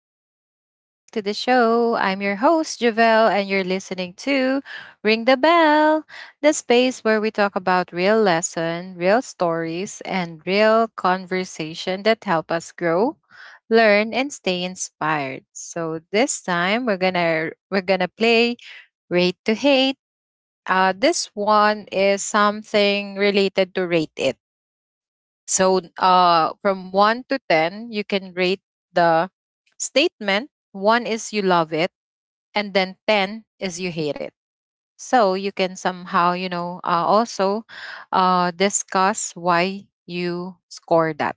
Welcome back to the show. I'm your host, Javelle, and you're listening to Ring the Bell, the space where we talk about real lesson, real stories, and real conversation that help us grow, learn, and stay inspired. So this time we're gonna play Rate to Hate. This one is something related to Rate It. So from 1 to 10, you can rate the statement. 1 is you love it, and then 10 is you hate it. So you can somehow, you know, also discuss why you score that.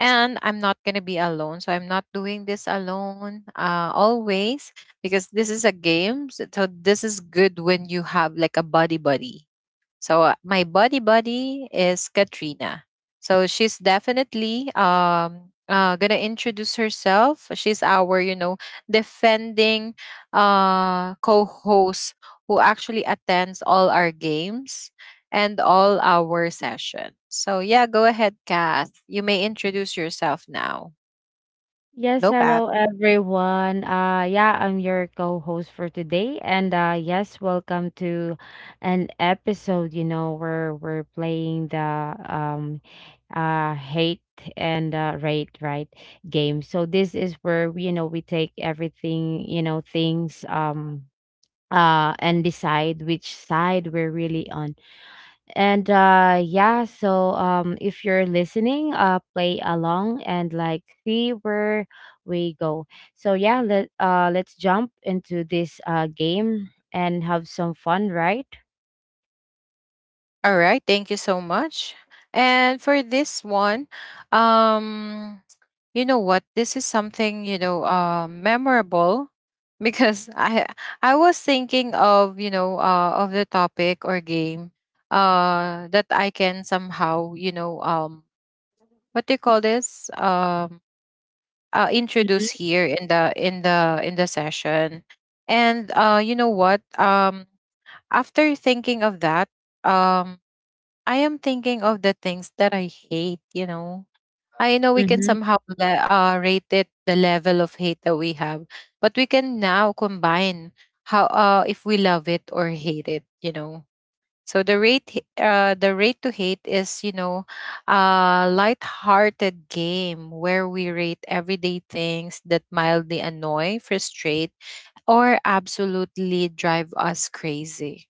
And I'm not going to be alone. So I'm not doing this alone always because this is a game. So this is good when you have like a buddy so my buddy is Katrina. So she's definitely gonna introduce herself. She's our, you know, defending co-host who actually attends all our games and all our session. So yeah, go ahead, Kath. You may introduce yourself now. Yes, Go, Kath. hello everyone. Yeah, I'm your co-host for today, and yes, welcome to an episode, you know, where we're playing the um hate and rate, right? Game. So this is where, you know, we take everything, you know, things and decide which side we're really on. And yeah, so if you're listening, play along and like see where we go. So yeah, let's jump into this game and have some fun, right? All right, thank you so much. And for this one, um, you know what? This is something you know, memorable because I was thinking of you know of the topic or game that I can somehow you know what do you call this introduce here in the in the session and you know what after thinking of that, um I am thinking of the things that I hate, you know. I know we can Mm-hmm. somehow rate it the level of hate that we have, but we can now combine how if we love it or hate it, you know. So the the rate to hate is, you know, a light-hearted game where we rate everyday things that mildly annoy, frustrate, or absolutely drive us crazy.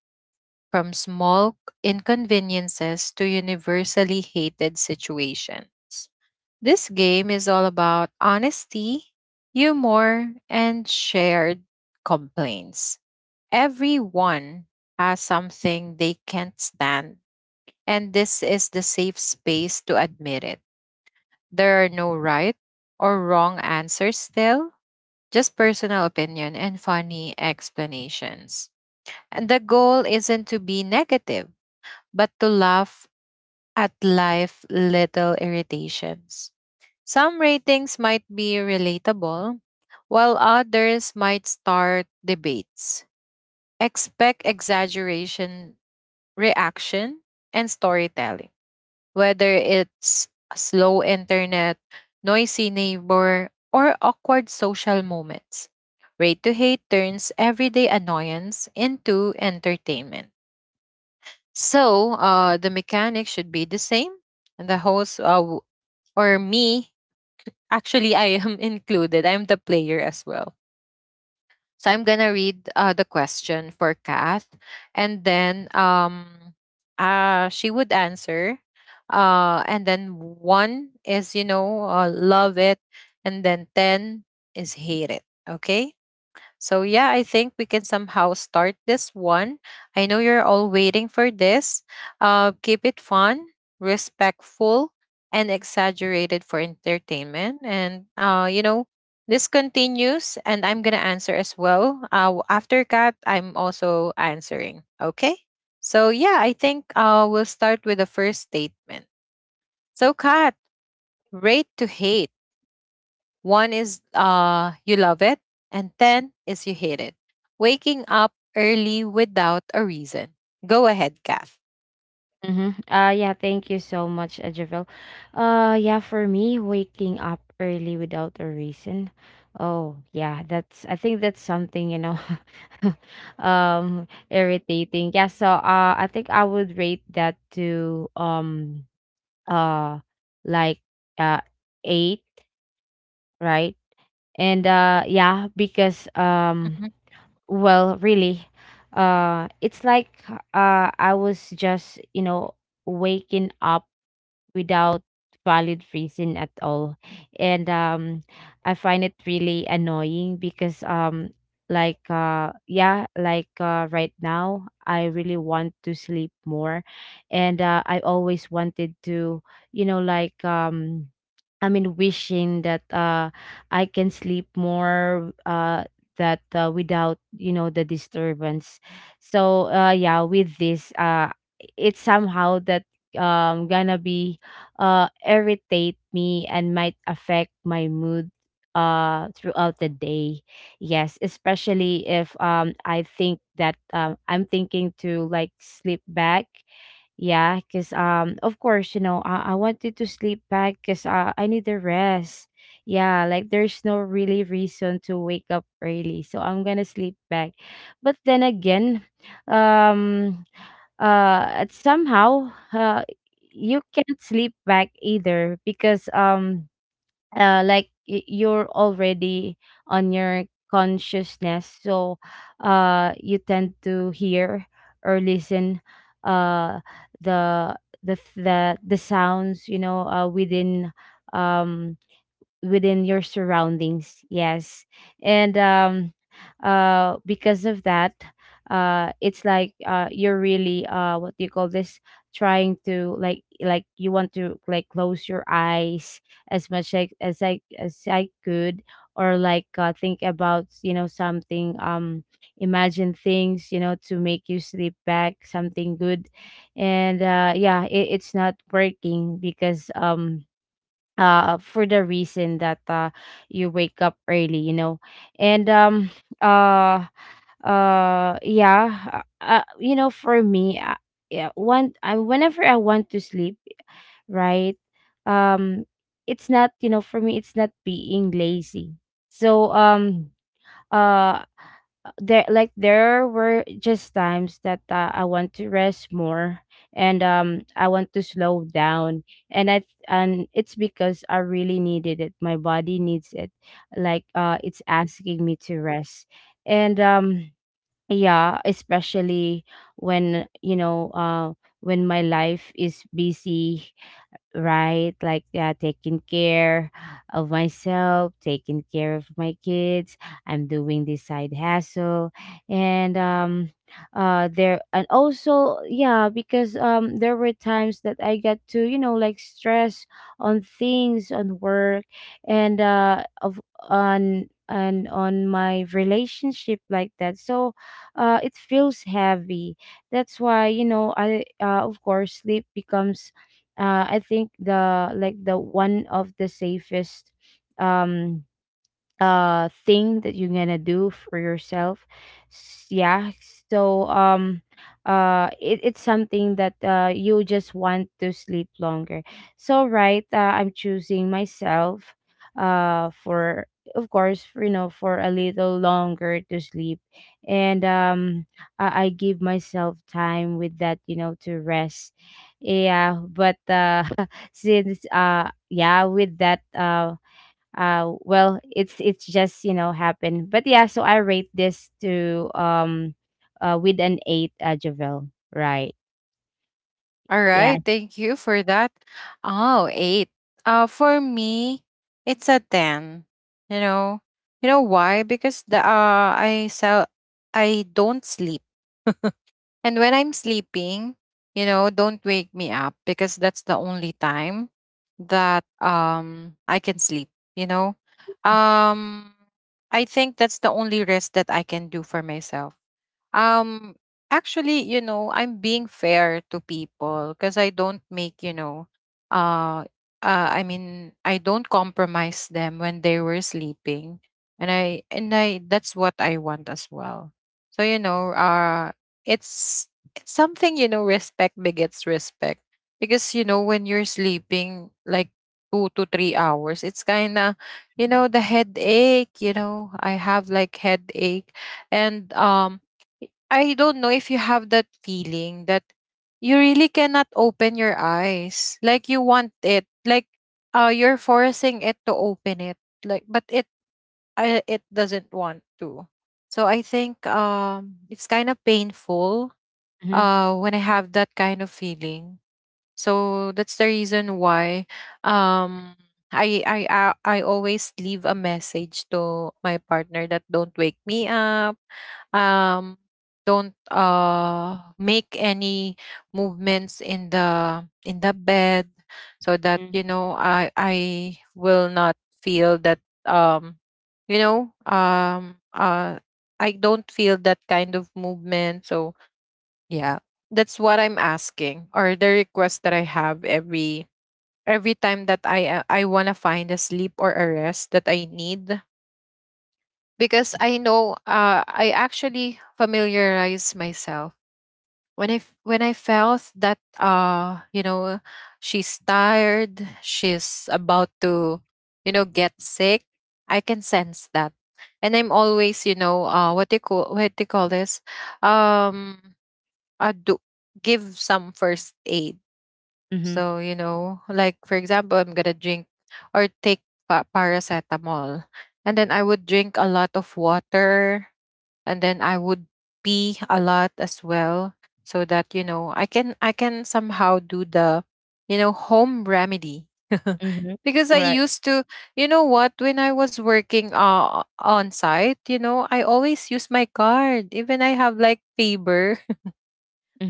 From small inconveniences to universally hated situations. This game is all about honesty, humor, and shared complaints. Everyone has something they can't stand, and this is the safe space to admit it. There are no right or wrong answers still, just personal opinion and funny explanations. And the goal isn't to be negative, but to laugh at life little irritations. Some ratings might be relatable, while others might start debates. Expect exaggeration, reaction, and storytelling, whether it's slow internet, noisy neighbor, or awkward social moments. Rate to hate turns everyday annoyance into entertainment. So the mechanic should be the same. And the host or me, actually, I am included. I'm the player as well. So I'm gonna read the question for Kath, and then she would answer. And then one is you know love it, and then ten is hate it. Okay. So yeah, I think we can somehow start this one. I know you're all waiting for this. Keep it fun, respectful, and exaggerated for entertainment. And you know, this continues, and I'm gonna answer as well. After Kat, I'm also answering. Okay. So yeah, I think we'll start with the first statement. So Kat, rate to hate. One is you love it, and 10 is you hate it. Waking up early without a reason. Go ahead, Kath. Mm-hmm. Yeah, thank you so much, Javel. Yeah, for me, waking up early without a reason. Oh, yeah, that's, I think that's something, you know, irritating. Yeah, so, I think I would rate that to, uh, like, uh, eight, right? And, yeah, because, Mhm. Well, really, it's like, I was just, you know, waking up without valid reason at all. And I find it really annoying, because like yeah like right now I really want to sleep more. And I always wanted to, you know, like, I mean, wishing that I can sleep more, that, without, you know, the disturbance. So yeah, with this, it's somehow that gonna be, irritate me and might affect my mood throughout the day. Yes, especially if I think that I'm thinking to like sleep back. Yeah, because of course, you know, I wanted to sleep back because I need the rest. Yeah, like there's no really reason to wake up early, so I'm gonna sleep back. But then again, um, somehow, you can't sleep back either, because like, you're already on your consciousness. So you tend to hear or listen uh the the sounds, you know, within um within your surroundings, yes. And because of that, it's like, you're really, what do you call this, trying to like, you want to like close your eyes as much like as I could. Or like, think about, you know, something, imagine things, you know, to make you sleep back, something good. And yeah, it's not working, because for the reason that you wake up early, you know. And uh yeah, you know, for me, yeah, one, whenever I want to sleep, right? um it's not, you know, for me, it's not being lazy. So uh there, like, there were just times that I want to rest more. And I want to slow down. And I, and it's because I really needed it. My body needs it, like it's asking me to rest. And yeah, especially when, you know, when my life is busy, right? Like yeah, taking care of myself, taking care of my kids. I'm doing this side hustle, and there, and also, yeah, because there were times that I got to, you know, like, stress on things, on work. And of on and on my relationship, like that. So it feels heavy. That's why, you know, I of course, sleep becomes, I think the, like, the one of the safest um thing that you're gonna do for yourself. Yeah. So it's something that you just want to sleep longer. So right, I'm choosing myself for, of course, for, you know, for a little longer to sleep. And I give myself time with that, you know, to rest. Yeah, but since yeah, with that, well, it's just, you know, happened. But yeah, so I rate this to with an eight, Javel, right? All Yeah. right, thank you for that. Oh, eight. For me, it's a ten. You know, you know why? Because the I sell, I don't sleep. And when I'm sleeping, you know, don't wake me up because that's the only time that I can sleep, you know. Um I think that's the only rest that I can do for myself. Um, Actually, you know, I'm being fair to people because I don't make, you know, uh, I mean, I don't compromise them when they were sleeping, and I that's what I want as well. So you know, it's it's something you know, respect begets respect because you know when you're sleeping like 2 to 3 hours, it's kind of you know the headache. You know, I have like headache and I don't know if you have that feeling that you really cannot open your eyes. Like you want it. Like you're forcing it to open it. Like but it it doesn't want to. So I think it's kind of painful Mm-hmm. When I have that kind of feeling, so that's the reason why um I always leave a message to my partner that don't wake me up. Um don't make any movements in the bed so that you know I will not feel that, um you know um uh I don't feel that kind of movement. So yeah, that's what I'm asking, or the request that I have every time that I wanna find a sleep or a rest that I need because I know I actually familiarize myself when I when I felt that you know she's tired, she's about to you know get sick. I can sense that, and I'm always you know what do you call what do you call this um do give some first aid. Hmm. So you know, like for example, I'm gonna drink or take paracetamol, and then I would drink a lot of water, and then I would pee a lot as well, so that you know I can somehow do the you know home remedy. Hmm. Because I Right. used to, you know what, when I was working on site, you know, I always use my card. Even I have like fever.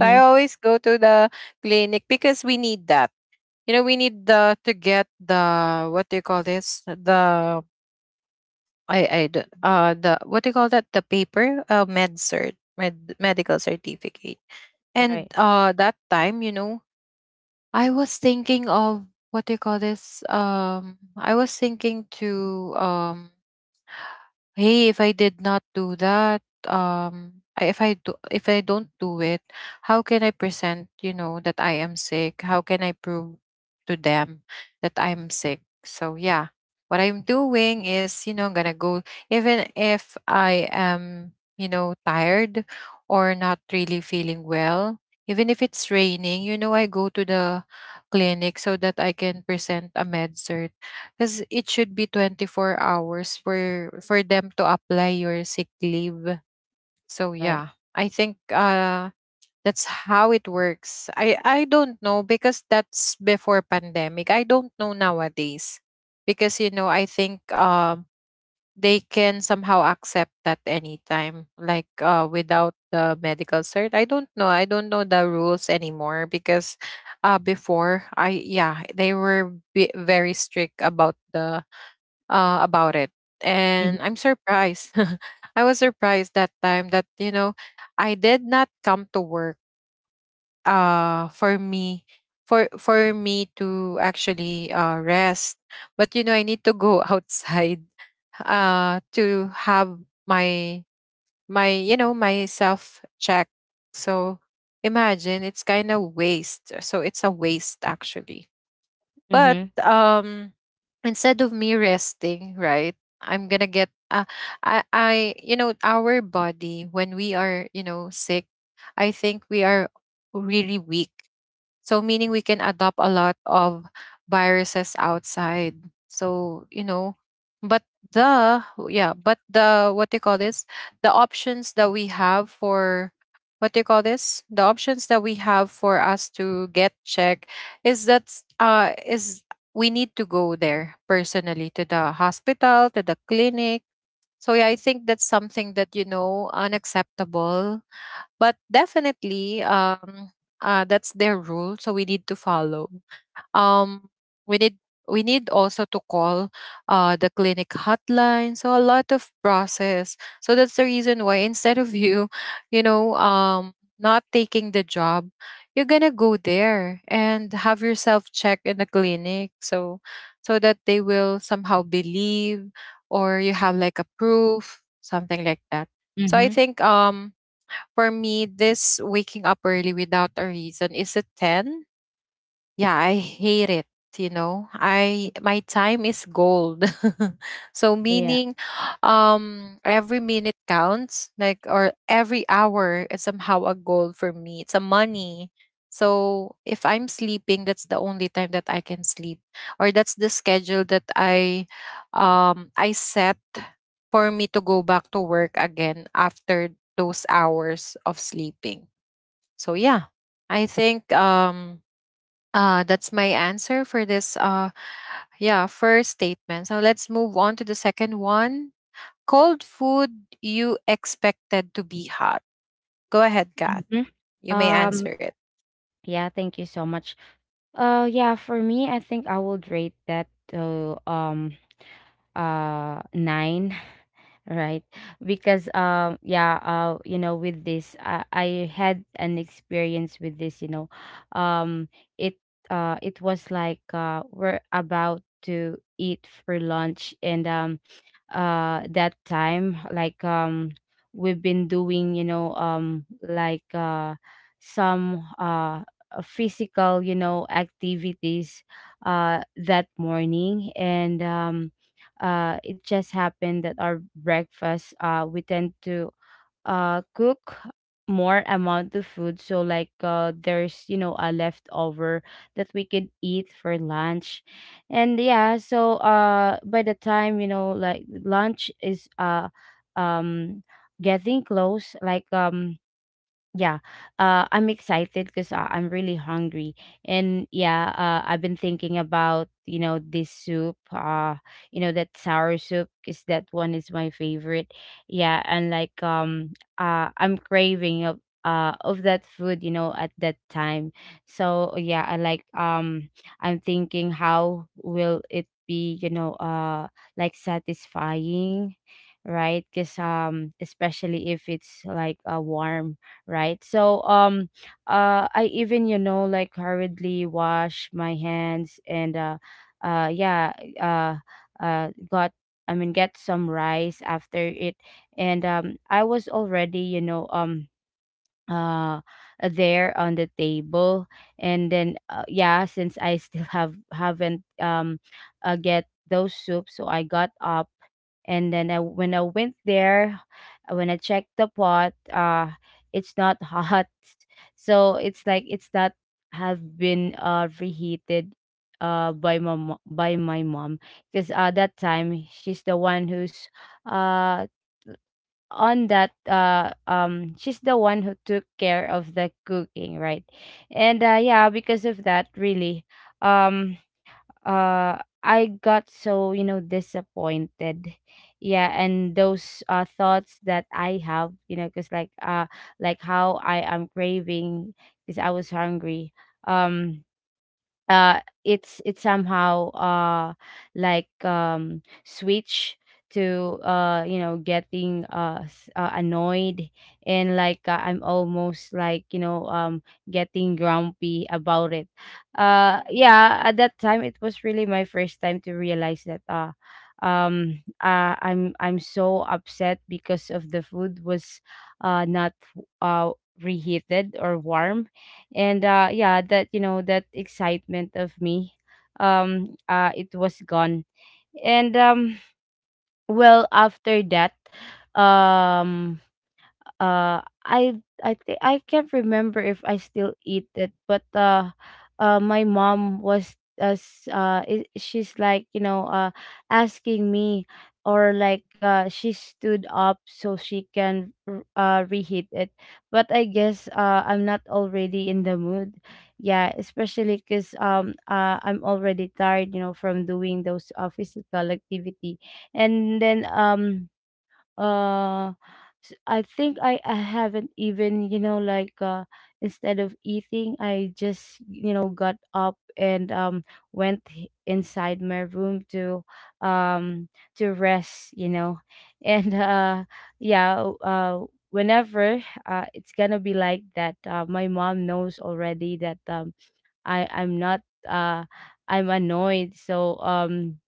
I always go to the clinic because we need that. You know, we need the to get the what do you call this? The the what do you call that? The paper, med cert, medical certificate. Right. And that time, you know, I was thinking of what do you call this? I was thinking to hey, if I did not do that, if I don't do it, how can I present you know that I am sick, how can I prove to them that I'm sick? So yeah, what I'm doing is you know I'm gonna go, even if I am you know tired or not really feeling well, even if it's raining, you know I go to the clinic so that I can present a med because it should be 24 hours for them to apply your sick leave. So Right. yeah, I think that's how it works. I don't know because that's before pandemic. I don't know nowadays because you know I think they can somehow accept that anytime like without the medical cert. I don't know. I don't know the rules anymore because before I yeah, they were very strict about the about it. And I'm surprised. I was surprised that time that, you know, I did not come to work for me. For me to actually rest but you know I need to go outside to have my my you know my self check. So imagine it's kind of waste, so it's a waste actually, but Mm-hmm. Instead of me resting, right? I'm gonna get I you know our body when we are you know sick, I think we are really weak, so meaning we can adopt a lot of viruses outside. So, you know, but the yeah, but the what do you call this? The options that we have for what do you call this? The options that we have for us to get checked is that is we need to go there personally to the hospital, to the clinic. So yeah, I think that's something that you know unacceptable but definitely, that's their rule, so we need to follow. Um, we need we need also to call the clinic hotline. So a lot of process. So that's the reason why instead of you, you know, not taking the job, you're gonna go there and have yourself checked in the clinic. So so that they will somehow believe or you have like a proof, something like that. So I Hmm. think for me, this waking up early without a reason is a 10. Yeah, I hate it, you know. I my time is gold. So yeah meaning every minute counts, like or every hour is somehow a goal for me. It's a money. So if I'm sleeping, that's the only time that I can sleep or that's the schedule that I set for me to go back to work again after those hours of sleeping. So yeah, I think that's my answer for this yeah, first statement. So let's move on to the second one. Cold food you expected to be hot. Go ahead, Kat. hmm May um answer it. yeah, thank you so much. Yeah, for me, I think I would rate that to nine, right? Because yeah, you know, with this, I had an experience with this, you know. um it it was like, we're about to eat for lunch. And that time, like, we've been doing, you know, like, some physical, you know, activities that morning. And it just happened that our breakfast, we tend to cook more amount of food, so like, there's, you know, a leftover that we could eat for lunch. And yeah, so by the time, you know, like lunch is um getting close, like, yeah, I'm excited because I'm really hungry. And yeah, I've been thinking about, you know, this soup, you know, that sour soup, because that one is my favorite. Yeah, and like I'm craving of that food, you know, at that time. So yeah, I like, I'm thinking how will it be, you know, like satisfying, right? Because especially if it's like warm, right? So I even, you know, like, hurriedly wash my hands. And yeah, uh got I mean, get some rice after it. And I was already, you know, uh there on the table. And then yeah, since I still have haven't get those soups, so I got up. And then when I went there, when I checked the pot, it's not hot. So it's like it's not have been reheated by my mom, because that time she's the one who's uh on that, she's the one who took care of the cooking, right? And yeah, because of that, really, um I got so, you know, disappointed. Yeah, and those thoughts that I have, you know, because like how I am craving, because I was hungry. um it's somehow, like, switch to, you know, getting, annoyed. And like, I'm almost, like, you know, getting grumpy about it. Yeah, at that time it was really my first time to realize that, I'm so upset because of the food was not uh reheated or warm. And yeah, that, you know, that excitement of me, it was gone. And well, after that, um uh i I think I can't remember if I still eat it. But my mom was, she's like, you know, asking me. Or like, she stood up so she can reheat it. But I guess I'm not already in the mood. Yeah, especially because I'm already tired, you know, from doing those, physical activity. And then uh I think I haven't even, you know, like, instead of eating, I just, you know, got up. And inside my room um to rest, you know. And yeah, whenever it's going to be like that, my mom knows already that I'm not, uh I'm annoyed. So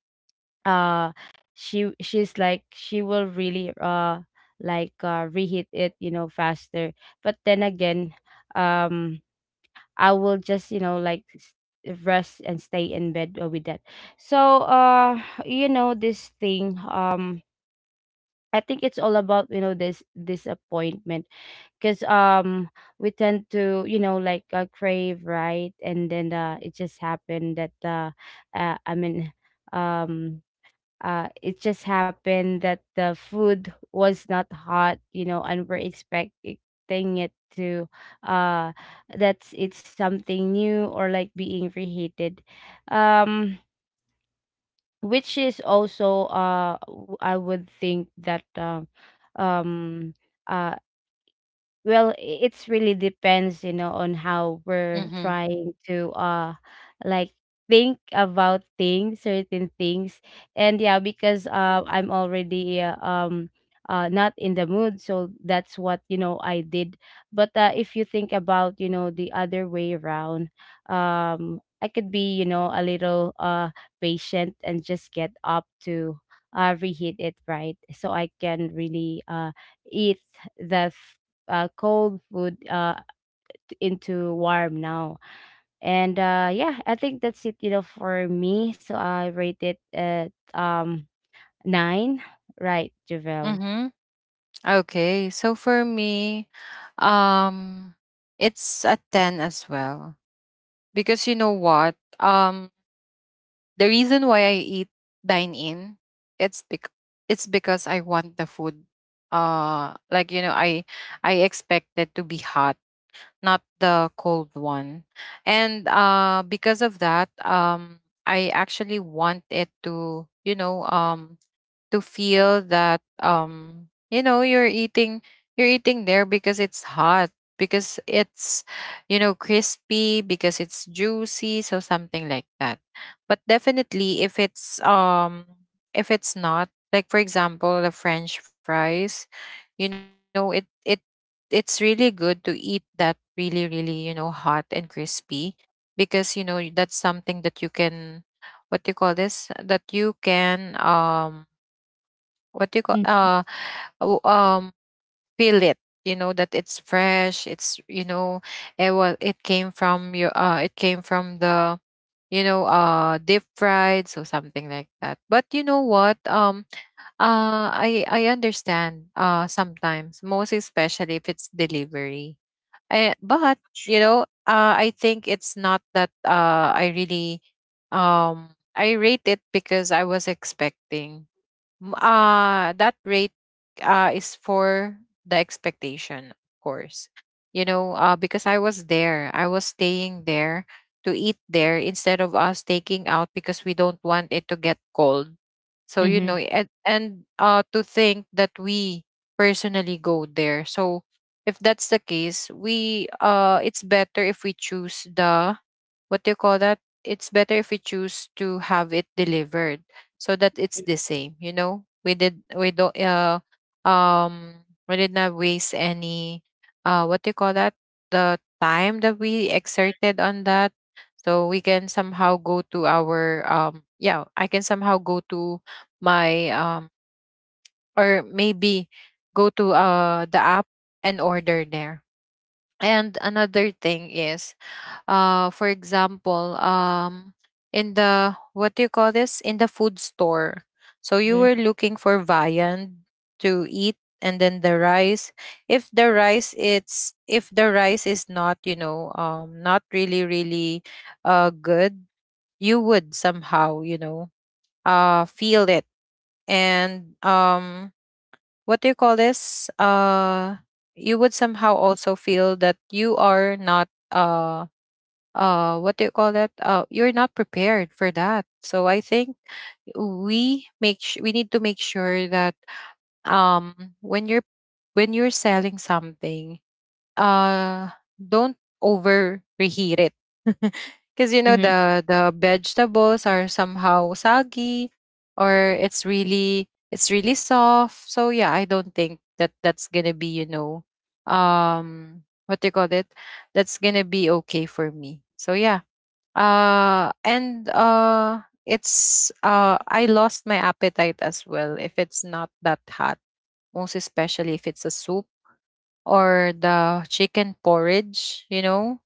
uh she's like, she will really reheat it, you know, faster. But then again, um I will just, you know, like, rest and stay in bed, with that. So you know, this thing, I think it's all about, you know, this disappointment, because we tend to, you know, like, crave, right? And then it just happened that, uh i mean um it just happened that the food was not hot, you know, and we're expecting it to uh that's, it's something new, or like being reheated, um which is also, I would think that um uh well, I- it's really depends, you know, on how we're Mm-hmm. trying to like think about things, certain things. And yeah, because I'm already, not in the mood, so that's what, you know, I did. But if you think about, you know, the other way around, I could be, you know, a little patient and just get up to reheat it, right? So I can really eat the cold food, into warm now. And yeah, I think that's it, you know, for me. So I rate it at nine, right, Javel? Mm-hmm. Okay, so for me, um, it's a 10 as well. Because you know what? Um, the reason why I eat dine in, it's bec- it's because I want the food. Like you know, I expect it to be hot, not the cold one. And because of that, I actually want it to, you know, to feel that you know you're eating there because it's hot, because it's, you know, crispy, because it's juicy, so something like that. But definitely if it's not, like, for example, the french fries, you know, it it's really good to eat that really, really, you know, hot and crispy, because you know that's something that you can, what do you call this, that you can, what do you call, Mm. W- um feel it, you know, that it's fresh, it's, you know, it was, it came from your, it came from the, you know, deep fried, so something like that. But you know what, I understand, sometimes, most especially if it's delivery. I, but, you know, I think it's not that, I really, I rate it because I was expecting. That rate, is for the expectation, of course. You know, because I was there, I was staying there to eat there instead of us taking out because we don't want it to get cold. So you Mm-hmm. know, and to think that we personally go there. So if that's the case, we, it's better if we choose the, what do you call that? It's better if we choose to have it delivered so that it's the same. You know, we don't, we did not waste any, what do you call that? The time that we exerted on that. So we can somehow go to our, yeah, I can somehow go to my, or maybe go to the app and order there. And another thing is, for example, in the, what do you call this, in the food store, so you Mm-hmm. were looking for viand to eat, and then the rice, if the rice is not, you know, not really, really good, you would somehow, you know, feel it. And what do you call this, you would somehow also feel that you are not, what do you call that, you're not prepared for that. So I think we we need to make sure that, when you're, when you're selling something, uh don't over reheat it, because you know Mm-hmm. the vegetables are somehow soggy, or it's really, it's really soft. So yeah, I don't think that that's gonna be, you know, um what do you call it, that's gonna be okay for me. So yeah, and it's, I lost my appetite as well if it's not that hot, most especially if it's a soup or the chicken porridge. You know,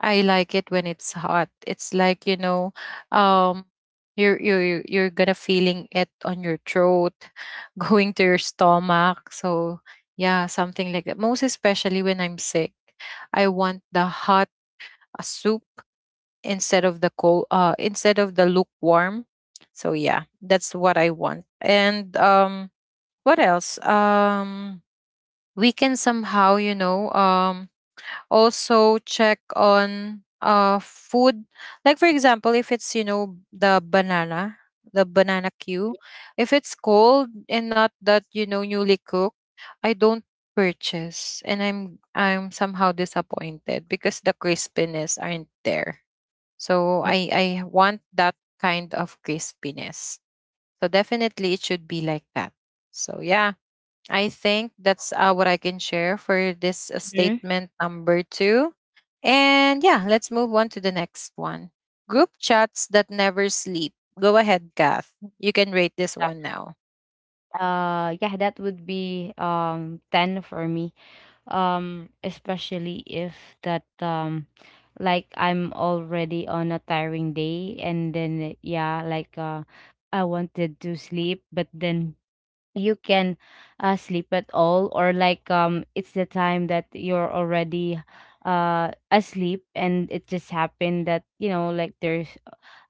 I like it when it's hot. It's like, you know, um you're gonna feeling it on your throat, going to your stomach. So yeah, something like that, most especially when I'm sick, I want the hot soup instead of the cold, instead of the lukewarm. So yeah, that's what I want. And what else, we can somehow, you know, also check on food, like for example, if it's, you know, the banana, the banana queue, if it's cold and not that, you know, newly cooked, I don't purchase, and I'm somehow disappointed because the crispiness aren't there. So I want that kind of crispiness. So definitely it should be like that. So yeah, I think that's what I can share for this Mm-hmm. statement number 2. And yeah, let's move on to the next one. Group chats that never sleep. Go ahead, Kath. You can rate this one now. Yeah, that would be 10 for me. Especially if that like I'm already on a tiring day, and then yeah, I wanted to sleep, but then you can sleep at all, or it's the time that you're already asleep, and it just happened that, you know, like there's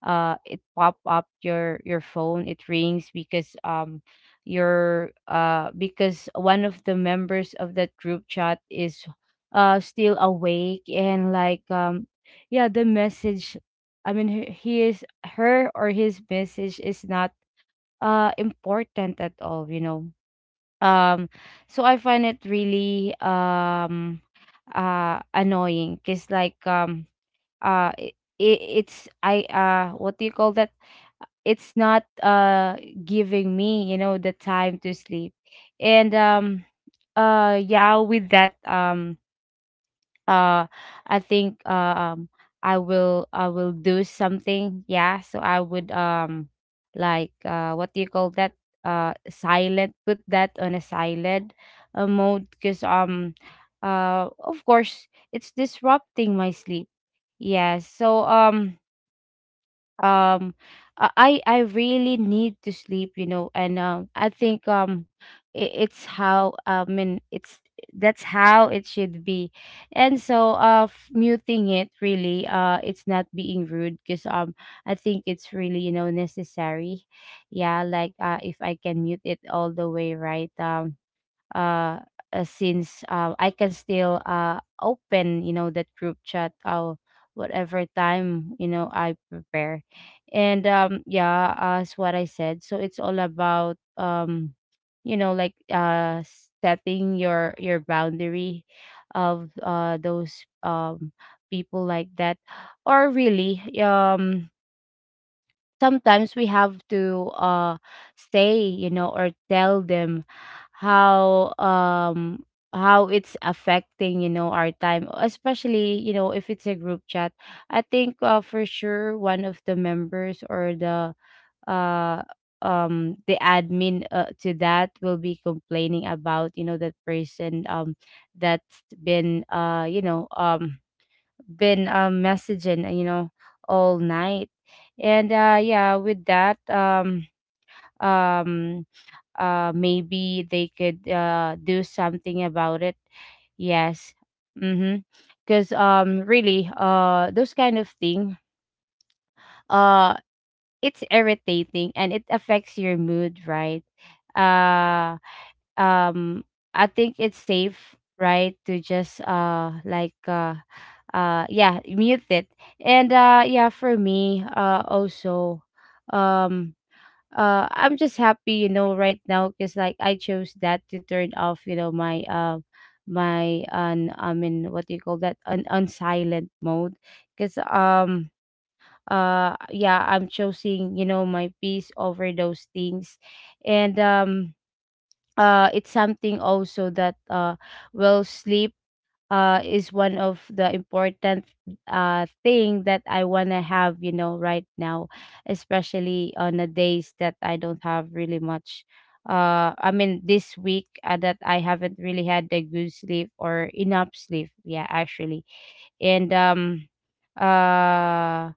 it pop up your phone, it rings because your because one of the members of that group chat is still awake. And yeah, the message, I mean, he is, her or his message is not important at all, you know. um, so I find it really annoying, because uh it, it's I what do you call that? It's not giving me, you know, the time to sleep. And yeah, with that, uh I think, I will do something. Yeah, so I would, what do you call that, silent, put that on a silent mode, because of course it's disrupting my sleep. Yeah, so um I really need to sleep, you know. And I think, it's how, I mean, it's, that's how it should be. And so, muting it, really, it's not being rude, because I think it's really, you know, necessary. Yeah, if I can mute it all the way, right? Uh, since, I can still open, you know, that group chat, whatever time, you know, I prepare. And yeah, as what I said, so it's all about, you know, setting your boundary of, those, people like that, or really, sometimes we have to say, you know, or tell them how, how it's affecting, you know, our time, especially, you know, if it's a group chat. I think, for sure, one of the members, or uh the admin to that, will be complaining about, you know, that person, that's been, you know, been, messaging, you know, all night. And yeah, with that, um maybe they could do something about it. Yes. Mm-hmm. Cause really, those kind of thing, uh it's irritating, and it affects your mood, right? Uh um I think it's safe, right, to just yeah, mute it. And yeah, for me, also, um I'm just happy, you know, right now, cuz like I chose that to turn off, you know, my I mean, what do you call that, an on silent mode, cuz yeah, I'm choosing, you know, my peace over those things. And it's something also that, well, sleep, is one of the important thing that I want to have, you know, right now, especially on the days that I don't have really much, I mean, this week that I haven't really had the good sleep or enough sleep, yeah, actually. And uh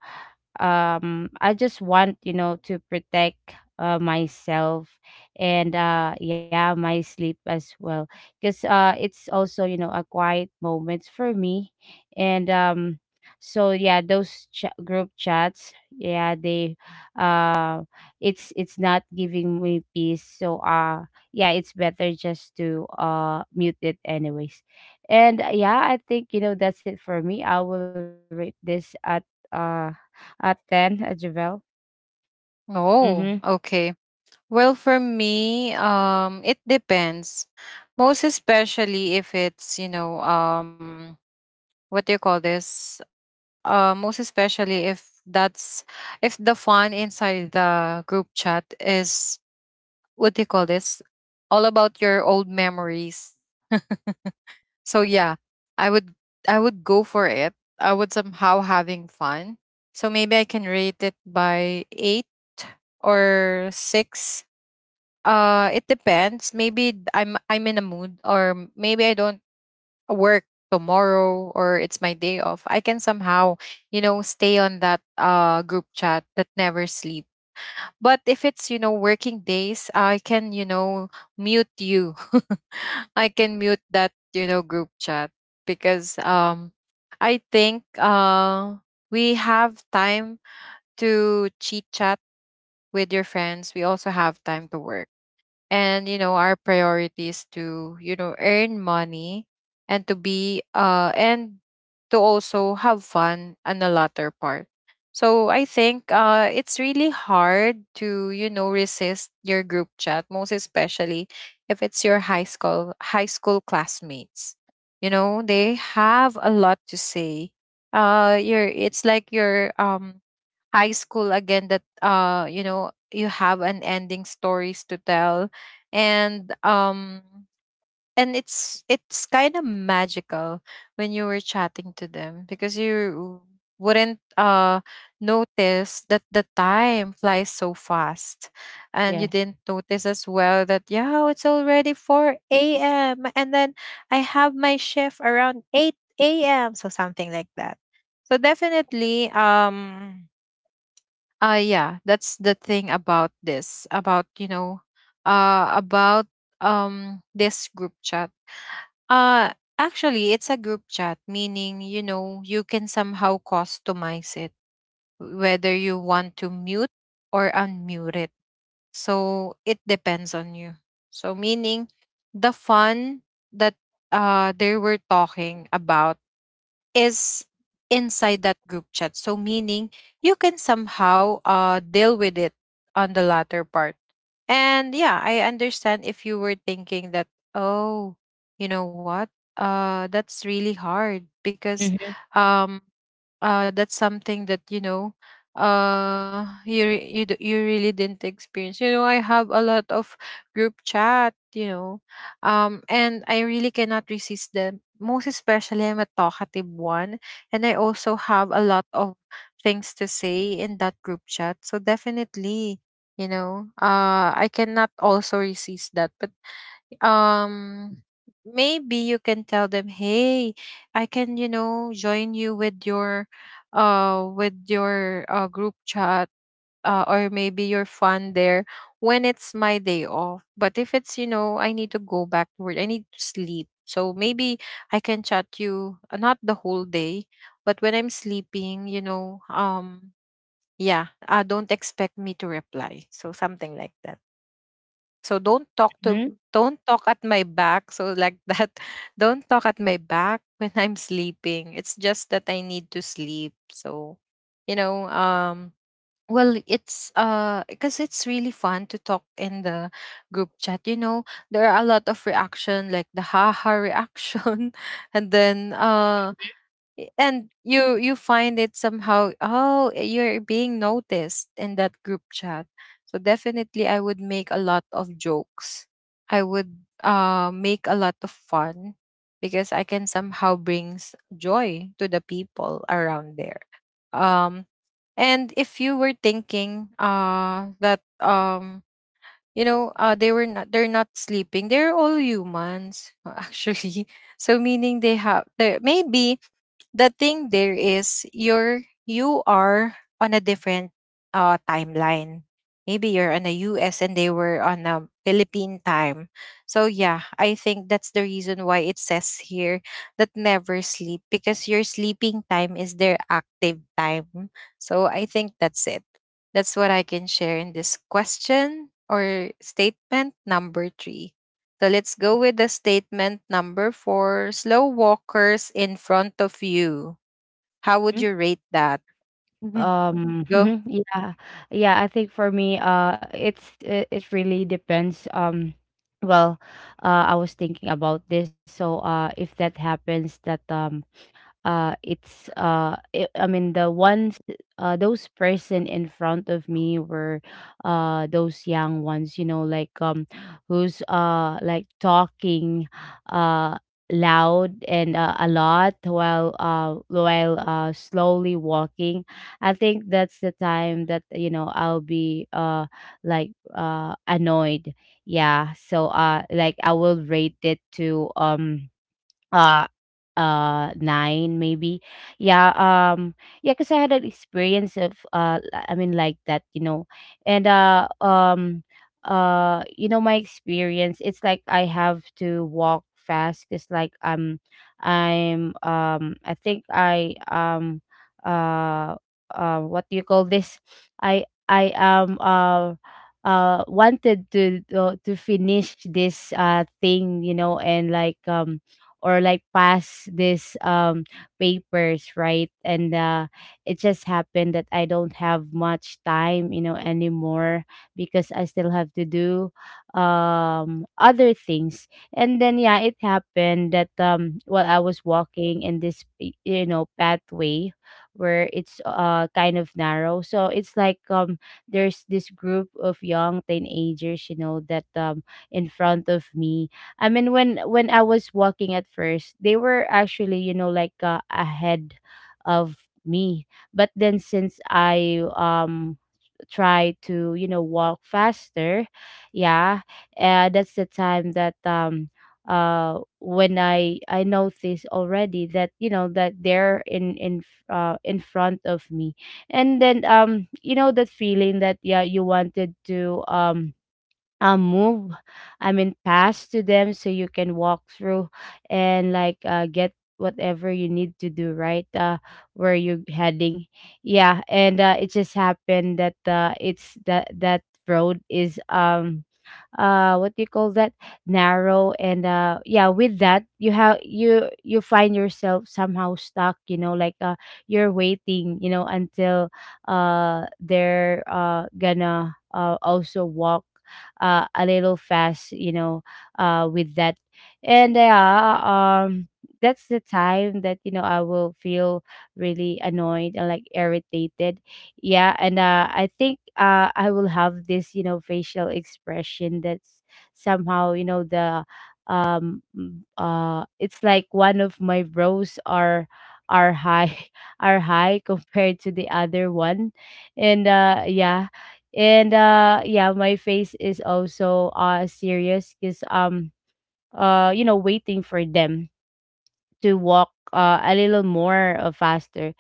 I just want, you know, to protect myself, and yeah, my sleep as well, because it's also, you know, a quiet moment for me. And so yeah, those group chats, yeah, they, uh it's not giving me peace, so yeah, it's better just to mute it anyways. And yeah, I think you know that's it for me. I will rate this uh at 10 at Javel. Mm-hmm. Oh, okay. Well, for me, it depends. Most especially if it's, you know, what do you call this, most especially if that's, if the fun inside the group chat is, what do you call this, all about your old memories. So yeah, I would, I would go for it, I would somehow having fun. So maybe I can rate it by 8 or 6. It depends, maybe I'm in a mood, or maybe I don't work tomorrow, or it's my day off, I can somehow, you know, stay on that group chat that never sleep. But if it's, you know, working days, I can, you know, mute you. I can mute that, you know, group chat, because I think we have time to chit chat with your friends. We also have time to work, and you know, our priorities to, you know, earn money, and to be and to also have fun on the latter part. So I think it's really hard to, you know, resist your group chat, most especially if it's your high school classmates. You know, they have a lot to say. You're, it's like you're, high school again, that, you know, you have unending stories to tell. And it's kind of magical when you were chatting to them, because you wouldn't notice that the time flies so fast, and you Yes. didn't notice as well that yeah, it's already 4 a.m, and then I have my shift around 8 a.m, so something like that. So definitely, yeah, that's the thing about this, about, you know, about this group chat. Actually, it's a group chat, meaning, you know, you can somehow customize it whether you want to mute or unmute it. So it depends on you. So meaning the fun that they were talking about is inside that group chat. So meaning you can somehow deal with it on the latter part. And yeah, I understand if you were thinking that, oh, you know what? That's really hard, because Mm-hmm. um that's something that, you know, you really didn't experience. You know, I have a lot of group chat, you know, and I really cannot resist them, most especially I'm a talkative one, and I also have a lot of things to say in that group chat. So definitely, you know, I cannot also resist that. But um maybe you can tell them, hey, I can, you know, join you with your, with your group chat, or maybe you're fun there when it's my day off. But if it's, you know, I need to go back to work, I need to sleep, so maybe I can chat you, not the whole day, but when I'm sleeping, you know, yeah, don't expect me to reply, so something like that. So don't talk to, Hmm. don't talk at my back. So like that, don't talk at my back when I'm sleeping. It's just that I need to sleep. So, you know, well, it's because it's really fun to talk in the group chat. You know, there are a lot of reaction, like the haha reaction, and then and you find it somehow, oh, you're being noticed in that group chat. So definitely I would make a lot of jokes, I would make a lot of fun, because I can somehow brings joy to the people around there. um and if you were thinking that you know, they were not, they're not sleeping, they're all humans, actually. So meaning they have, they maybe, the thing there is, you're, you are on a different timeline. Maybe you're on a US, and they were on a Philippine time. So yeah, I think that's the reason why it says here that never sleep, because your sleeping time is their active time. So I think that's it. That's what I can share in this question or statement number three. So let's go with the statement number four. Slow walkers in front of you. How would you rate that? Mhm. Go. Mhm, yeah. Yeah, I think for me, it really depends. Well, I was thinking about this. So, if that happens, that it's I mean, the ones, those person in front of me were those young ones, you know, who's like talking uh loud, and, a lot, while slowly walking. I think that's the time that, you know, I'll be annoyed. Yeah, so like, I will rate it to uh, 9 maybe. Yeah, yeah, cause I had an experience of, I mean, like that, you know. And, you know, my experience, it's like I have to walk fast, cause like I think I, uh, what do you call this? I am, wanted to, to finish this thing, you know, and or like pass this, papers, right? And it just happened that I don't have much time, you know, anymore, because I still have to do other things. And then yeah, it happened that, while I was walking in this, you know, pathway, where it's kind of narrow, so it's there's this group of young teenagers, you know, that, in front of me. I mean, when I was walking at first, they were actually, you know, ahead of me. But then, since I try to, you know, walk faster, yeah, that's the time that, when I noticed already that, you know, that they're in front of me, and then you know, that feeling that yeah, you wanted to move, I mean, pass to them so you can walk through, and get whatever you need to do, right, where you're heading. Yeah, and it just happened that it's that, that road is, what do you call that, narrow, and yeah, with that, you have, you find yourself somehow stuck, you know, you're waiting, you know, until they're gonna also walk a little fast, you know, with that. And yeah, um that's the time that, you know, I will feel really annoyed and like irritated. Yeah, and I think, I will have this, you know, facial expression that's somehow, you know, it's like one of my brows are high are high compared to the other one. And yeah. And yeah, my face is also serious because you know, waiting for them to walk a little more, faster.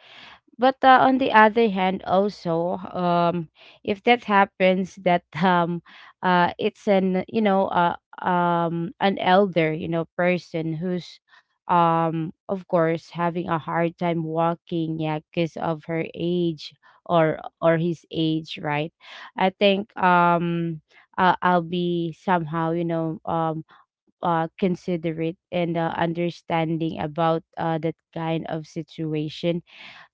But on the other hand, also, if that happens that, it's an, you know, an elder, you know, person who's, of course, having a hard time walking, yeah, because of her age, or his age, right? I think, I'll be somehow, you know, considerate and, understanding about that kind of situation.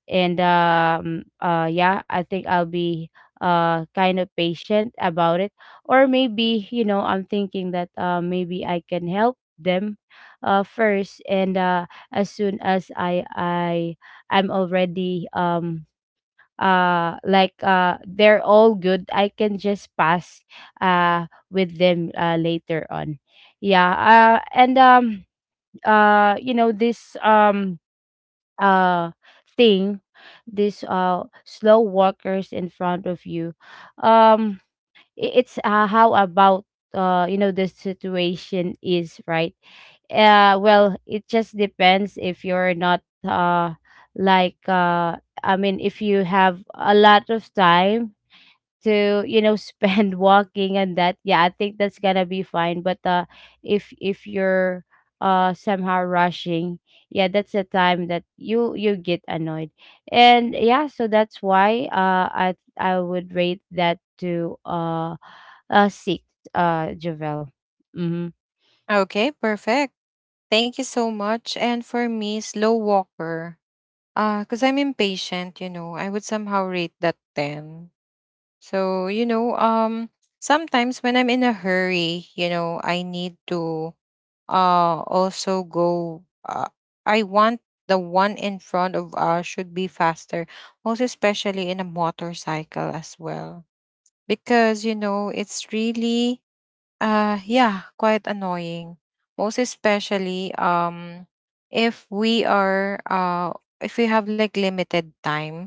And yeah, I think I'll be kind of patient about it. Or maybe, you know, I'm thinking that maybe I can help them first, and as soon as I I'm already, they're all good, I can just pass with them later on. Yeah, and you know, this, uh thing, these slow walkers in front of you, um it's, how about, you know, the situation, is, right? Well, it just depends. If you're not, uh like uh I mean, if you have a lot of time to, you know, spend walking and that, yeah, I think that's gonna be fine, but if you're, somehow rushing, yeah, that's the time that you get annoyed. And yeah, so that's why, I would rate that to six, jovel. Mm-hmm. Okay, perfect. Thank you so much. And for me, slow walker. Because I'm impatient, you know, I would somehow rate that 10. So, you know, um, Sometimes when I'm in a hurry, I need to also go. I want the one in front of us should be faster, most especially in a motorcycle as well, because you know it's really, yeah, quite annoying. Most especially, if we are if we have like limited time,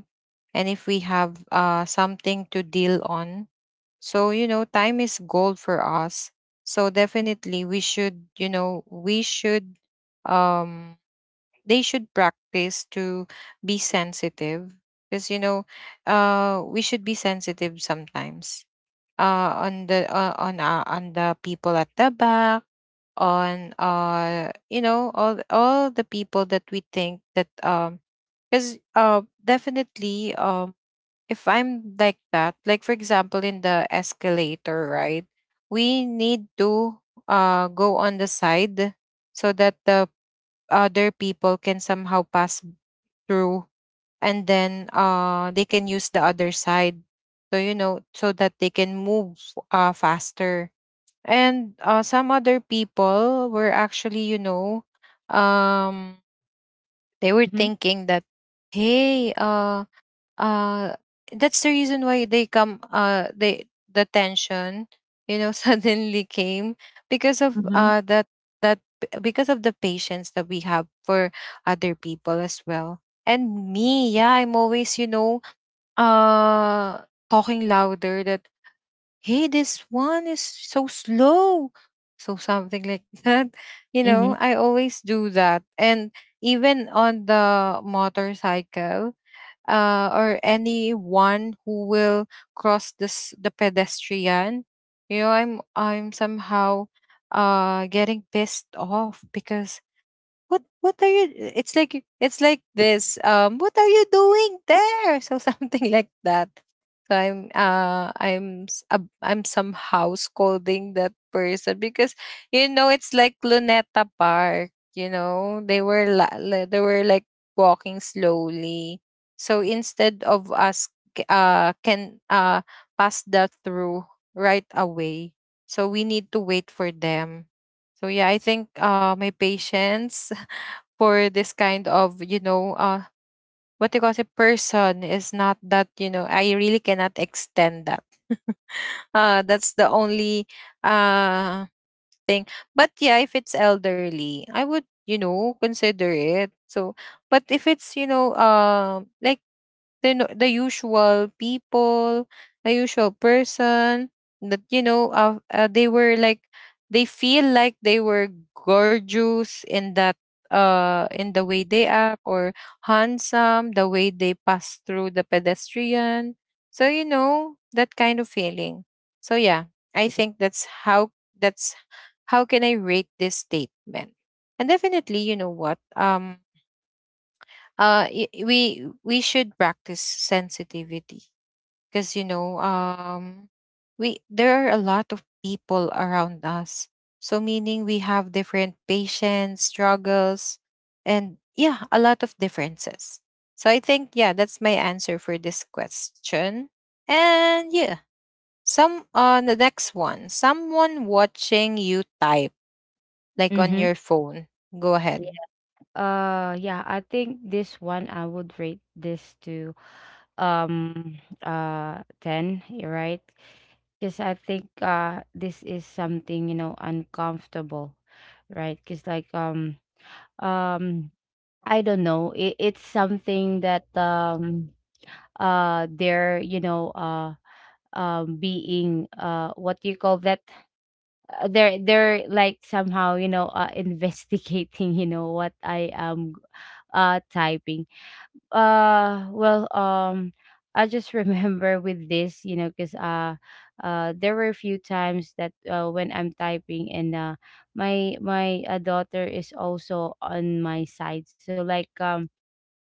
and if we have something to deal on. So, you know, time is gold for us. So definitely we should, you know, we should um they should practice to be sensitive. Because you know, we should be sensitive sometimes. On the people at the back, on you know, all the people that we think that, because definitely, if I'm like that, like for example in the escalator, right? We need to go on the side, so that the other people can somehow pass through, and then they can use the other side. So you know, so that they can move faster. And some other people were actually, you know, um they were Mm-hmm. thinking that, hey, uh that's the reason why they, the tension, you know, suddenly came because of Mm-hmm. That. that because of the patience that we have for other people as well. And me, yeah, I'm always, you know, uh talking louder that, hey, this one is so slow, so something like that. You Mm-hmm. know, I always do that. And even on the motorcycle, or anyone who will cross this the pedestrian, you know, I'm somehow getting pissed off, because what, what are you, it's like, it's like this what are you doing there? So something like that. So I'm somehow scolding that person, because you know, it's like Luneta Park, you know, they were like walking slowly. So instead of us c- can pass that through right away, so we need to wait for them. So yeah, I think my patience for this kind of, what you call it, person is not that, you know, I really cannot extend that. That's the only uh thing. But yeah, if it's elderly, I would, you know, consider it. So, but if it's, you know, like the no- the usual people, the usual person that, you know, they were like, they feel like they were gorgeous in that, in the way they act, or handsome the way they pass through the pedestrian. So you know, that kind of feeling. So yeah, I think that's how, that's how can I rate this statement? And definitely, you know what? We should practice sensitivity, because you know, we there are a lot of people around us. So meaning we have different patients, struggles, and yeah, a lot of differences. So I think yeah, that's my answer for this question. And yeah, some the next one, someone watching you type like on Mm-hmm. your phone. Go ahead. Yeah, I think this one, I would rate this to 10. You're right, because I think, this is something, you know, uncomfortable, right? Because um I don't know, it's something that, they're, you know, being, what do you call that. They're like somehow, you know, investigating, you know, what I am typing. uh well um I just remember with this, you know, because there were a few times that, when I'm typing, and my my daughter is also on my side, so like um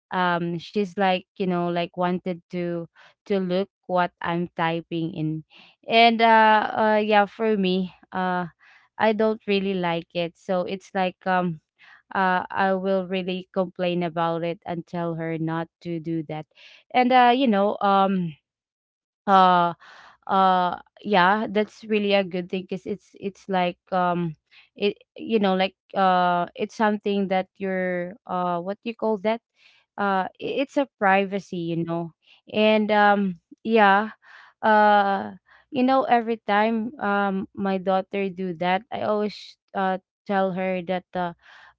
um she's like, you know, like wanted to look what I'm typing in. And yeah, for me, I don't really like it, so it's I will really complain about it and tell her not to do that. And uh yeah, that's really a good thing because it's like it, it's something that you're what do you call that, it's a privacy, you know. And yeah. uh you know, every time my daughter do that, I always tell her that,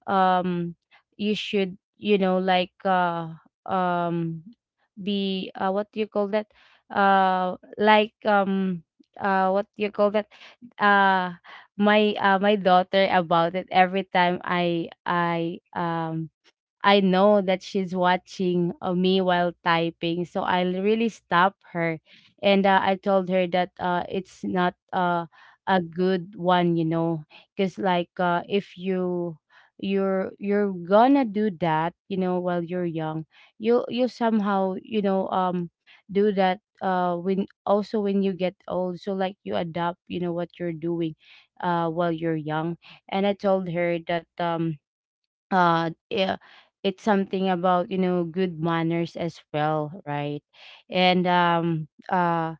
um you should, um be, what do you call that, uh like um what you call that, uh my my daughter about it. Every time I know that she's watching, me while typing, so really stop her. And I told her that, it's not, a good one, you know, because if you, you're gonna do that, you know, while you're young, you will somehow, do that when, also when you get old. So like you adopt, you know, what you're doing while you're young. And I told her that yeah, it's something about, you know, good manners as well, right? and um uh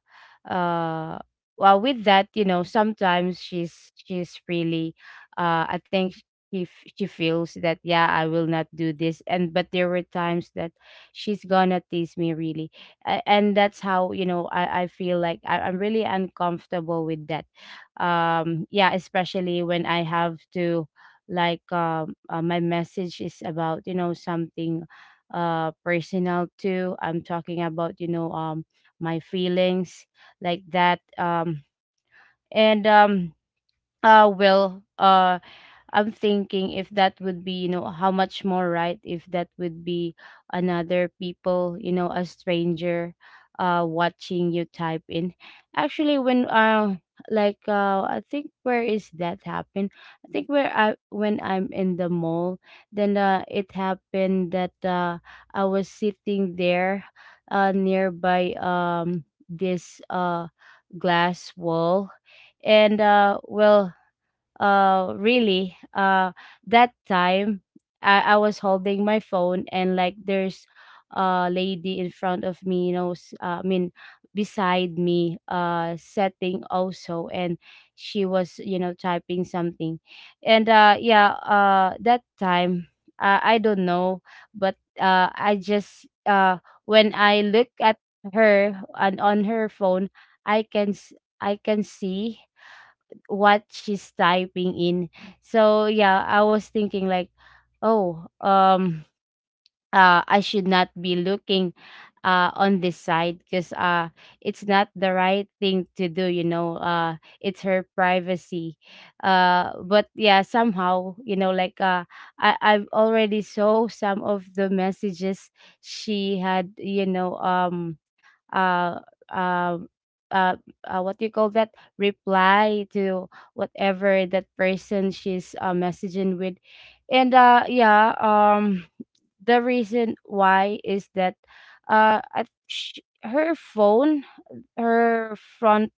uh well, with that, you know, sometimes she's really, I think she feels that yeah, I will not do this. And but there were times that she's gonna tease me really. And that's how, you know, I feel like I'm really uncomfortable with that. Yeah, especially when I have to, my message is about, you know, something personal too. I'm talking about, you know, my feelings like that. And Well, I'm thinking if that would be, you know, how much more right if that would be another people, you know, a stranger watching you type in. Actually, when I think where is that happen? I think where I when I'm in the mall, then it happened that I was sitting there nearby, this glass wall. And well really That time I was holding my phone, and like there's a lady in front of me, you know, I mean beside me setting also, and she was, you know, typing something. And Yeah, that time, I don't know, but I just when I look at her and on her phone, i can s- I can see what she's typing in. So yeah, I was thinking like, oh, I should not be looking on this side, because it's not the right thing to do, you know. It's her privacy. But yeah, somehow, you know, I've already saw some of the messages she had, you know, uh, um, uh, what you call that? Reply to whatever that person she's messaging with. And yeah, the reason why is that I, sh her phone, her front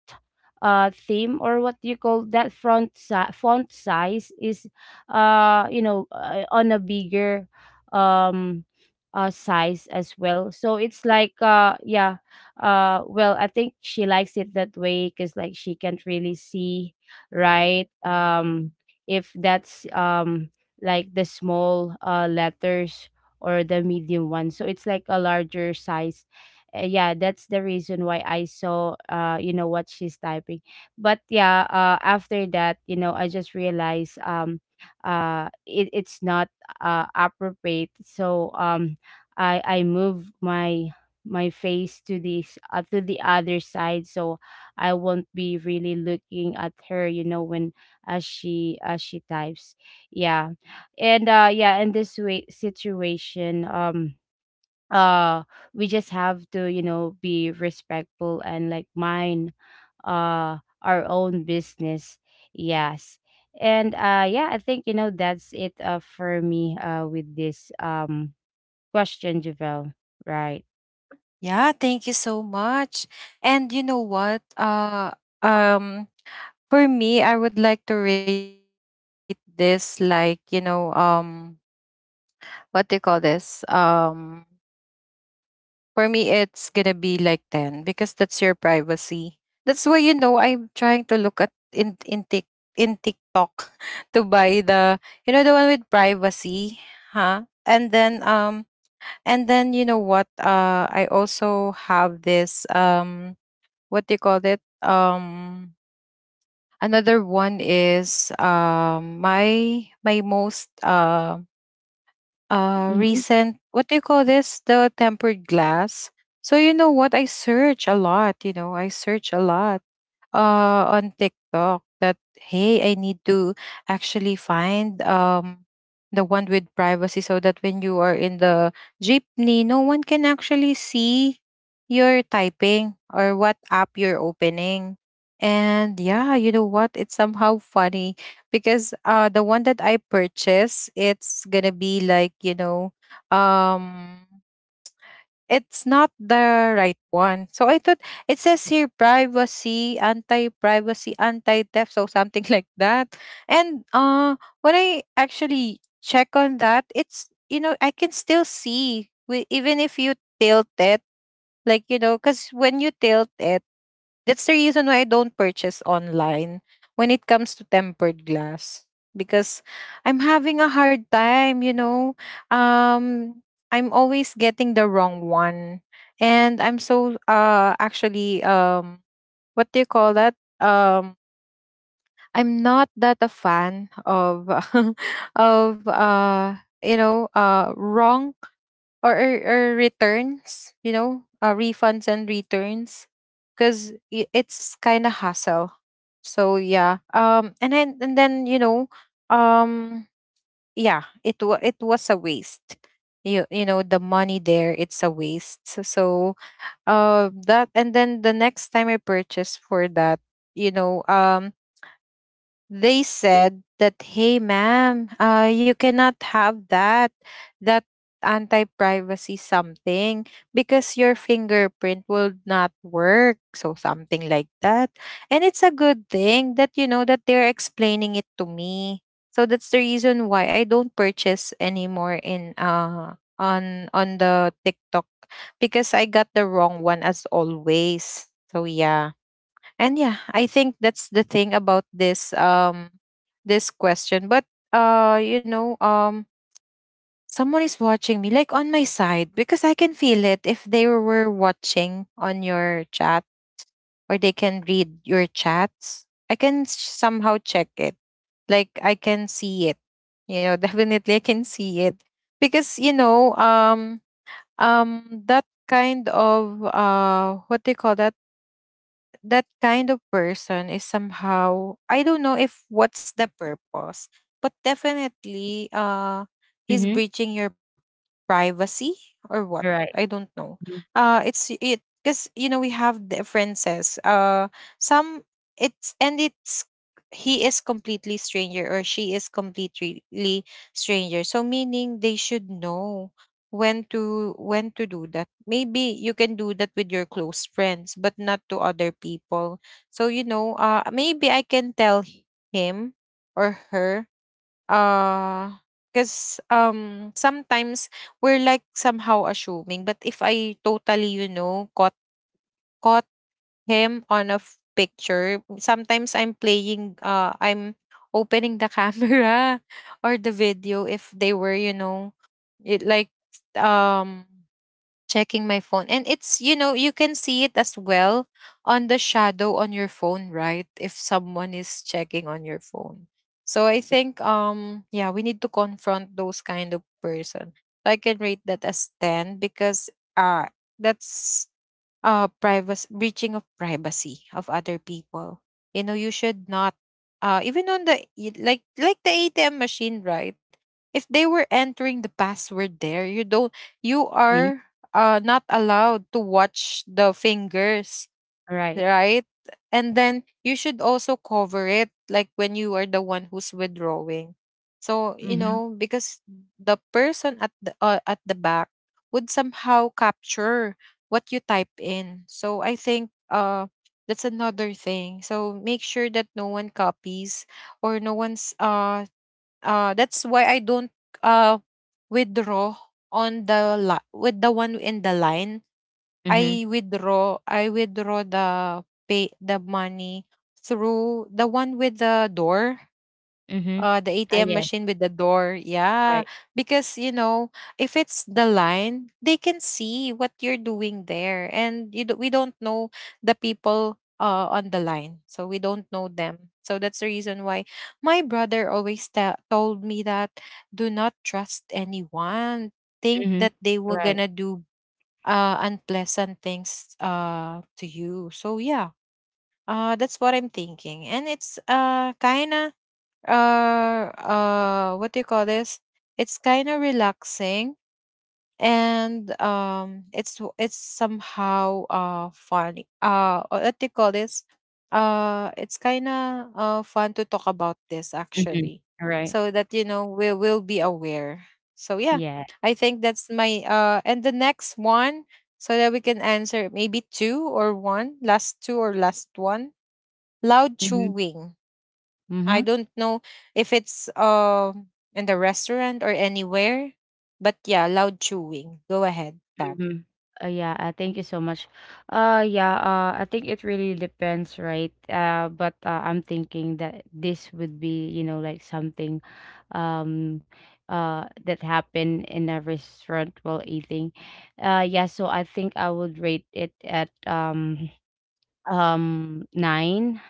theme, or what you call that, font size is, on a bigger um size as well. So it's like, yeah, well, I think she likes it that way, because like she can't really see, right? If that's the small letters, or the medium one, so it's like a larger size. Yeah, that's the reason why I saw, you know, what she's typing. But yeah, after that, you know, I just realized, it's not appropriate. So I move my face to this, to the other side, so I won't be really looking at her, you know, when, as she types. Yeah. And yeah, in this way situation, uh we just have to, you know, be respectful and like mind our own business. Yes. And yeah, I think, you know, that's it for me with this question, Javel, right? Yeah, thank you so much. And you know what? Um for me, I would like to rate this like, you know, what do you call this? For me it's gonna be like 10 because that's your privacy. That's why you know I'm trying to look at in Tik, in TikTok to buy the, you know, the one with privacy, huh? And then you know what? I also have this, what do you call it? Another one is, my most Mm-hmm. recent, what do you call this? The tempered glass. So you know what? I search a lot. You know, I search a lot on TikTok that, hey, I need to actually find the one with privacy, so that when you are in the jeepney, no one can actually see your typing or what app you're opening. And yeah, you know what? It's somehow funny because the one that I purchased, it's gonna be like, you know, um it's not the right one. So I thought it says here privacy, anti-privacy, anti-theft, so something like that. And when I actually check on that, it's, you know, I can still see, even if you tilt it, like you know, cuz when you tilt it, that's the reason why I don't purchase online when it comes to tempered glass, because I'm having a hard time, you know. Um I'm always getting the wrong one, and I'm so actually, what do you call that? Um I'm not that a fan of of wrong or or returns, you know, refunds and returns, because it's kind of hassle. So yeah, and then you know, um, yeah, it was a waste. You know, the money there, it's a waste. So, so that. And then the next time I purchase for that, you know, they said that, hey ma'am, you cannot have that, that anti-privacy something, because your fingerprint will not work, so something like that. And it's a good thing that, you know, that they're explaining it to me. So that's the reason why I don't purchase anymore in on the TikTok, because I got the wrong one as always. So yeah, and yeah, I think that's the thing about this, this question. But you know, someone is watching me like on my side, because I can feel it if they were watching on your chat, or they can read your chats. Somehow check it. Like I can see it. You know, definitely I can see it. Because, you know, that kind of, what do you call that? That kind of person is somehow, I don't know if what's the purpose, but definitely, he's Mm-hmm. breaching your privacy or what. I Right. don't know. It's it because you know we have differences. Some, it's and it's, he is completely stranger, or she is completely stranger. So meaning they should know when to do that. Maybe you can do that with your close friends, but not to other people. So you know, maybe I can tell, him or her, uh because, sometimes we're like somehow assuming. But if I totally, you know, caught him on a picture, sometimes I'm playing, I'm opening the camera or the video, if they were, you know, it like, um checking my phone. And it's, you know, you can see it as well on the shadow on your phone, right? If someone is checking on your phone. So I think, yeah, we need to confront those kind of person. So I can rate that as 10, because uh that's, privacy, breaching of privacy of other people. You know, you should not, even on the, like the ATM machine, right? If they were entering the password there, you Mm-hmm. are not allowed to watch the fingers, Right. right? And then you should also cover it, like when you are the one who's withdrawing. So you Mm-hmm. know, because the person at the back would somehow capture what you type in. So I think, that's another thing. So make sure that no one copies, or no one's That's why I don't, uh withdraw on the, with the one in the line. Mm-hmm. I withdraw the, pay the money through the one with the door, Mm-hmm. The Ah ATM yes. machine with the door. Yeah, Right. because you know if it's the line, they can see what you're doing there. And you do, we don't know the people, on the line, so we don't know them. So that's the reason why my brother always, told me that, do not trust anyone. Think Mm-hmm. that they were Right. gonna do unpleasant things, to you. So yeah, that's what I'm thinking. And it's, kind of what do you call this? It's kind of relaxing, and it's, it's somehow funny, or what they call this, it's kind of fun to talk about this Mm-hmm. actually. Right. So that, you know, we will be aware. So yeah, Yeah. I think that's my, and the next one, so that we can answer maybe two or one, last two or last one, loud Mm-hmm. chewing. I Mm-hmm. don't know if it's, in the restaurant or anywhere, but yeah, loud chewing. Go ahead, tap. Mhm. Yeah, thank you so much. Yeah, I think it really depends, right? But I'm thinking that this would be, you know, like something, um, that happened in a restaurant while eating. Yeah, so I think I would rate it at nine.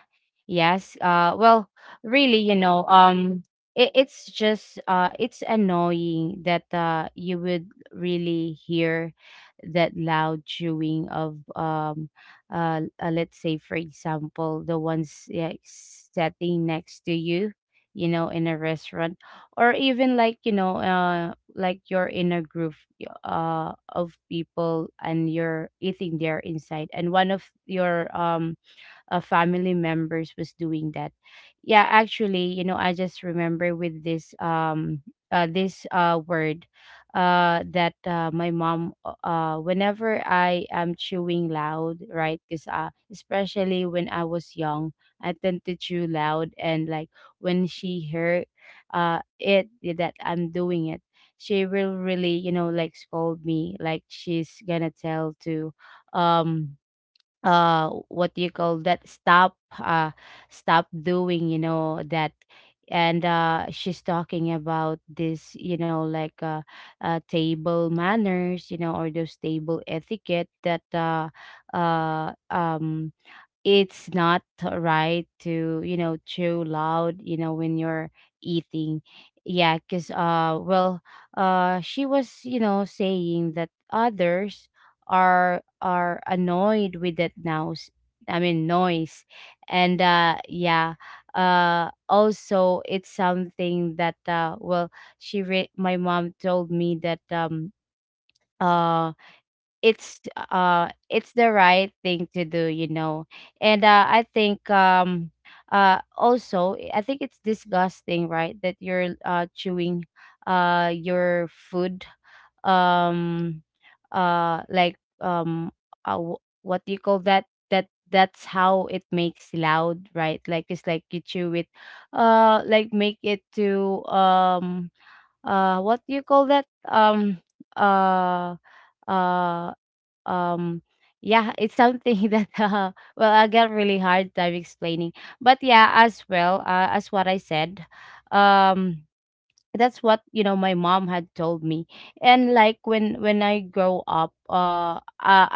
Yes. Well, really, you know, it's just, it's annoying that you would really hear that loud chewing of, let's say, for example, the ones, yeah, sitting next to you, you know, in a restaurant, or even like, you know, you're in a group of people, and you're eating there inside, and one of your family members was doing that. Yeah, actually, you know, I just remember with this, this word that, my mom whenever I am chewing loud, right? Because especially when I was young, I tend to chew loud, and like when she heard that I'm doing it, she will really, you know, like scold me. Like she's gonna tell to, um what do you call that, stop, stop doing, you know, that. And she's talking about this, you know, table manners, you know, or those table etiquette that uh um it's not right to, you know, chew loud, you know, when you're eating. Yeah, because she was, you know, saying that others are annoyed with that noise. I mean noise. And yeah, also it's something that, well, my mom told me that, uh it's, it's the right thing to do, you know. And I think, also, I think it's disgusting, right, that you're chewing your food, um uh like um what do you call that, that's how it makes loud, right? Like it's like you chew it, like make it to, what do you call that, uh uh um yeah, it's something that, well, I get really hard time explaining. But yeah, as well, as what I said, um that's what, you know, my mom had told me. And like when, when I grow up,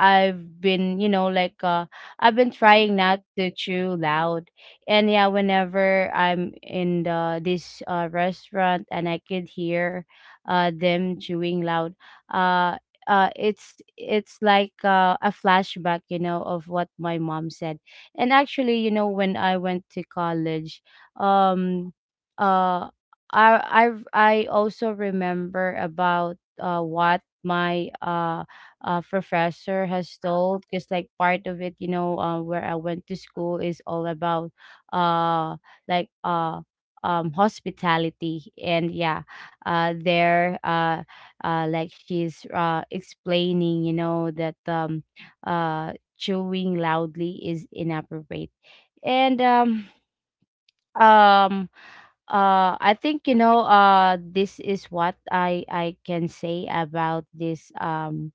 I've been, you know, I've been trying not to chew loud. And yeah, whenever I'm in the this restaurant, and I could hear them chewing loud, uh it's like, a flashback, you know, of what my mom said. And actually, you know, when I went to college, um, uh, I also remember about what my, uh, professor has told, because like part of it, you know, where I went to school is all about uh like uh hospitality. And yeah, there like she's explaining, you know, that chewing loudly is inappropriate. And um I think, you know, this is what I can say about this, um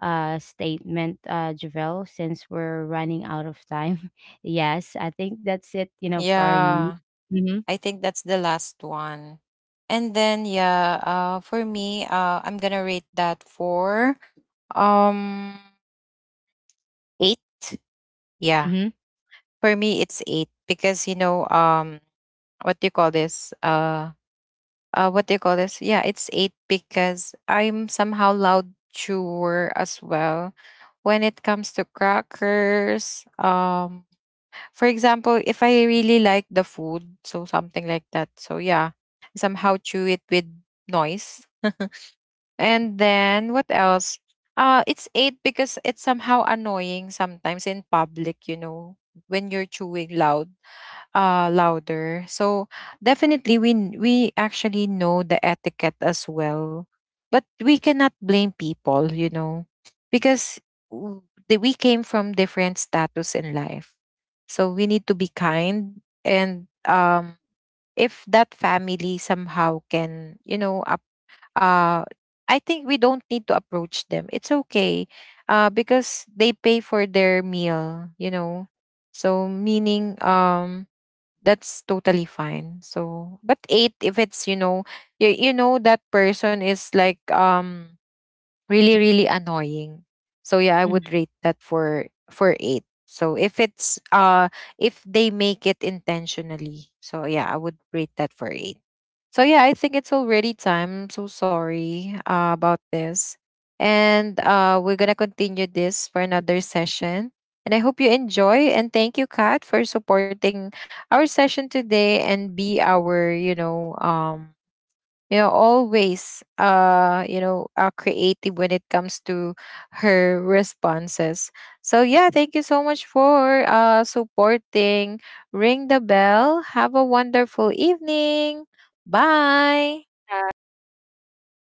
uh statement, Javel, since we're running out of time. Yes, I think that's it, you know, for me. Yeah, Mm-hmm. I think that's the last one. And then yeah, for me, I'm gonna rate that for um eight. Yeah. Mm-hmm. For me it's eight because you know, what do you call this? What do you call this? Yeah, it's eight because I'm somehow loud chewer as well. When it comes to crackers, for example, if I really like the food, so something like that. So yeah, somehow chew it with noise. And then what else? It's eight because it's somehow annoying sometimes in public, you know, when you're chewing loud, louder. So definitely we actually know the etiquette as well, but we cannot blame people, you know, because, w- we came from different status in life. So we need to be kind, and if that family somehow can, you know, up, uh I think we don't need to approach them, it's okay, because they pay for their meal, you know. So meaning, that's totally fine. So, but eight if it's, you know, you know that person is like, really really annoying, so yeah I would rate that for, eight. So if it's if they make it intentionally, so yeah I would rate that for eight. So yeah I think it's already time, so sorry about this. And we're gonna continue this for another session, and I hope you enjoy, and thank you Kat for supporting our session today, and be our, you know, you know, always, you know, creative when it comes to her responses. So yeah, thank you so much for supporting. Ring the bell, have a wonderful evening. Bye. Bye.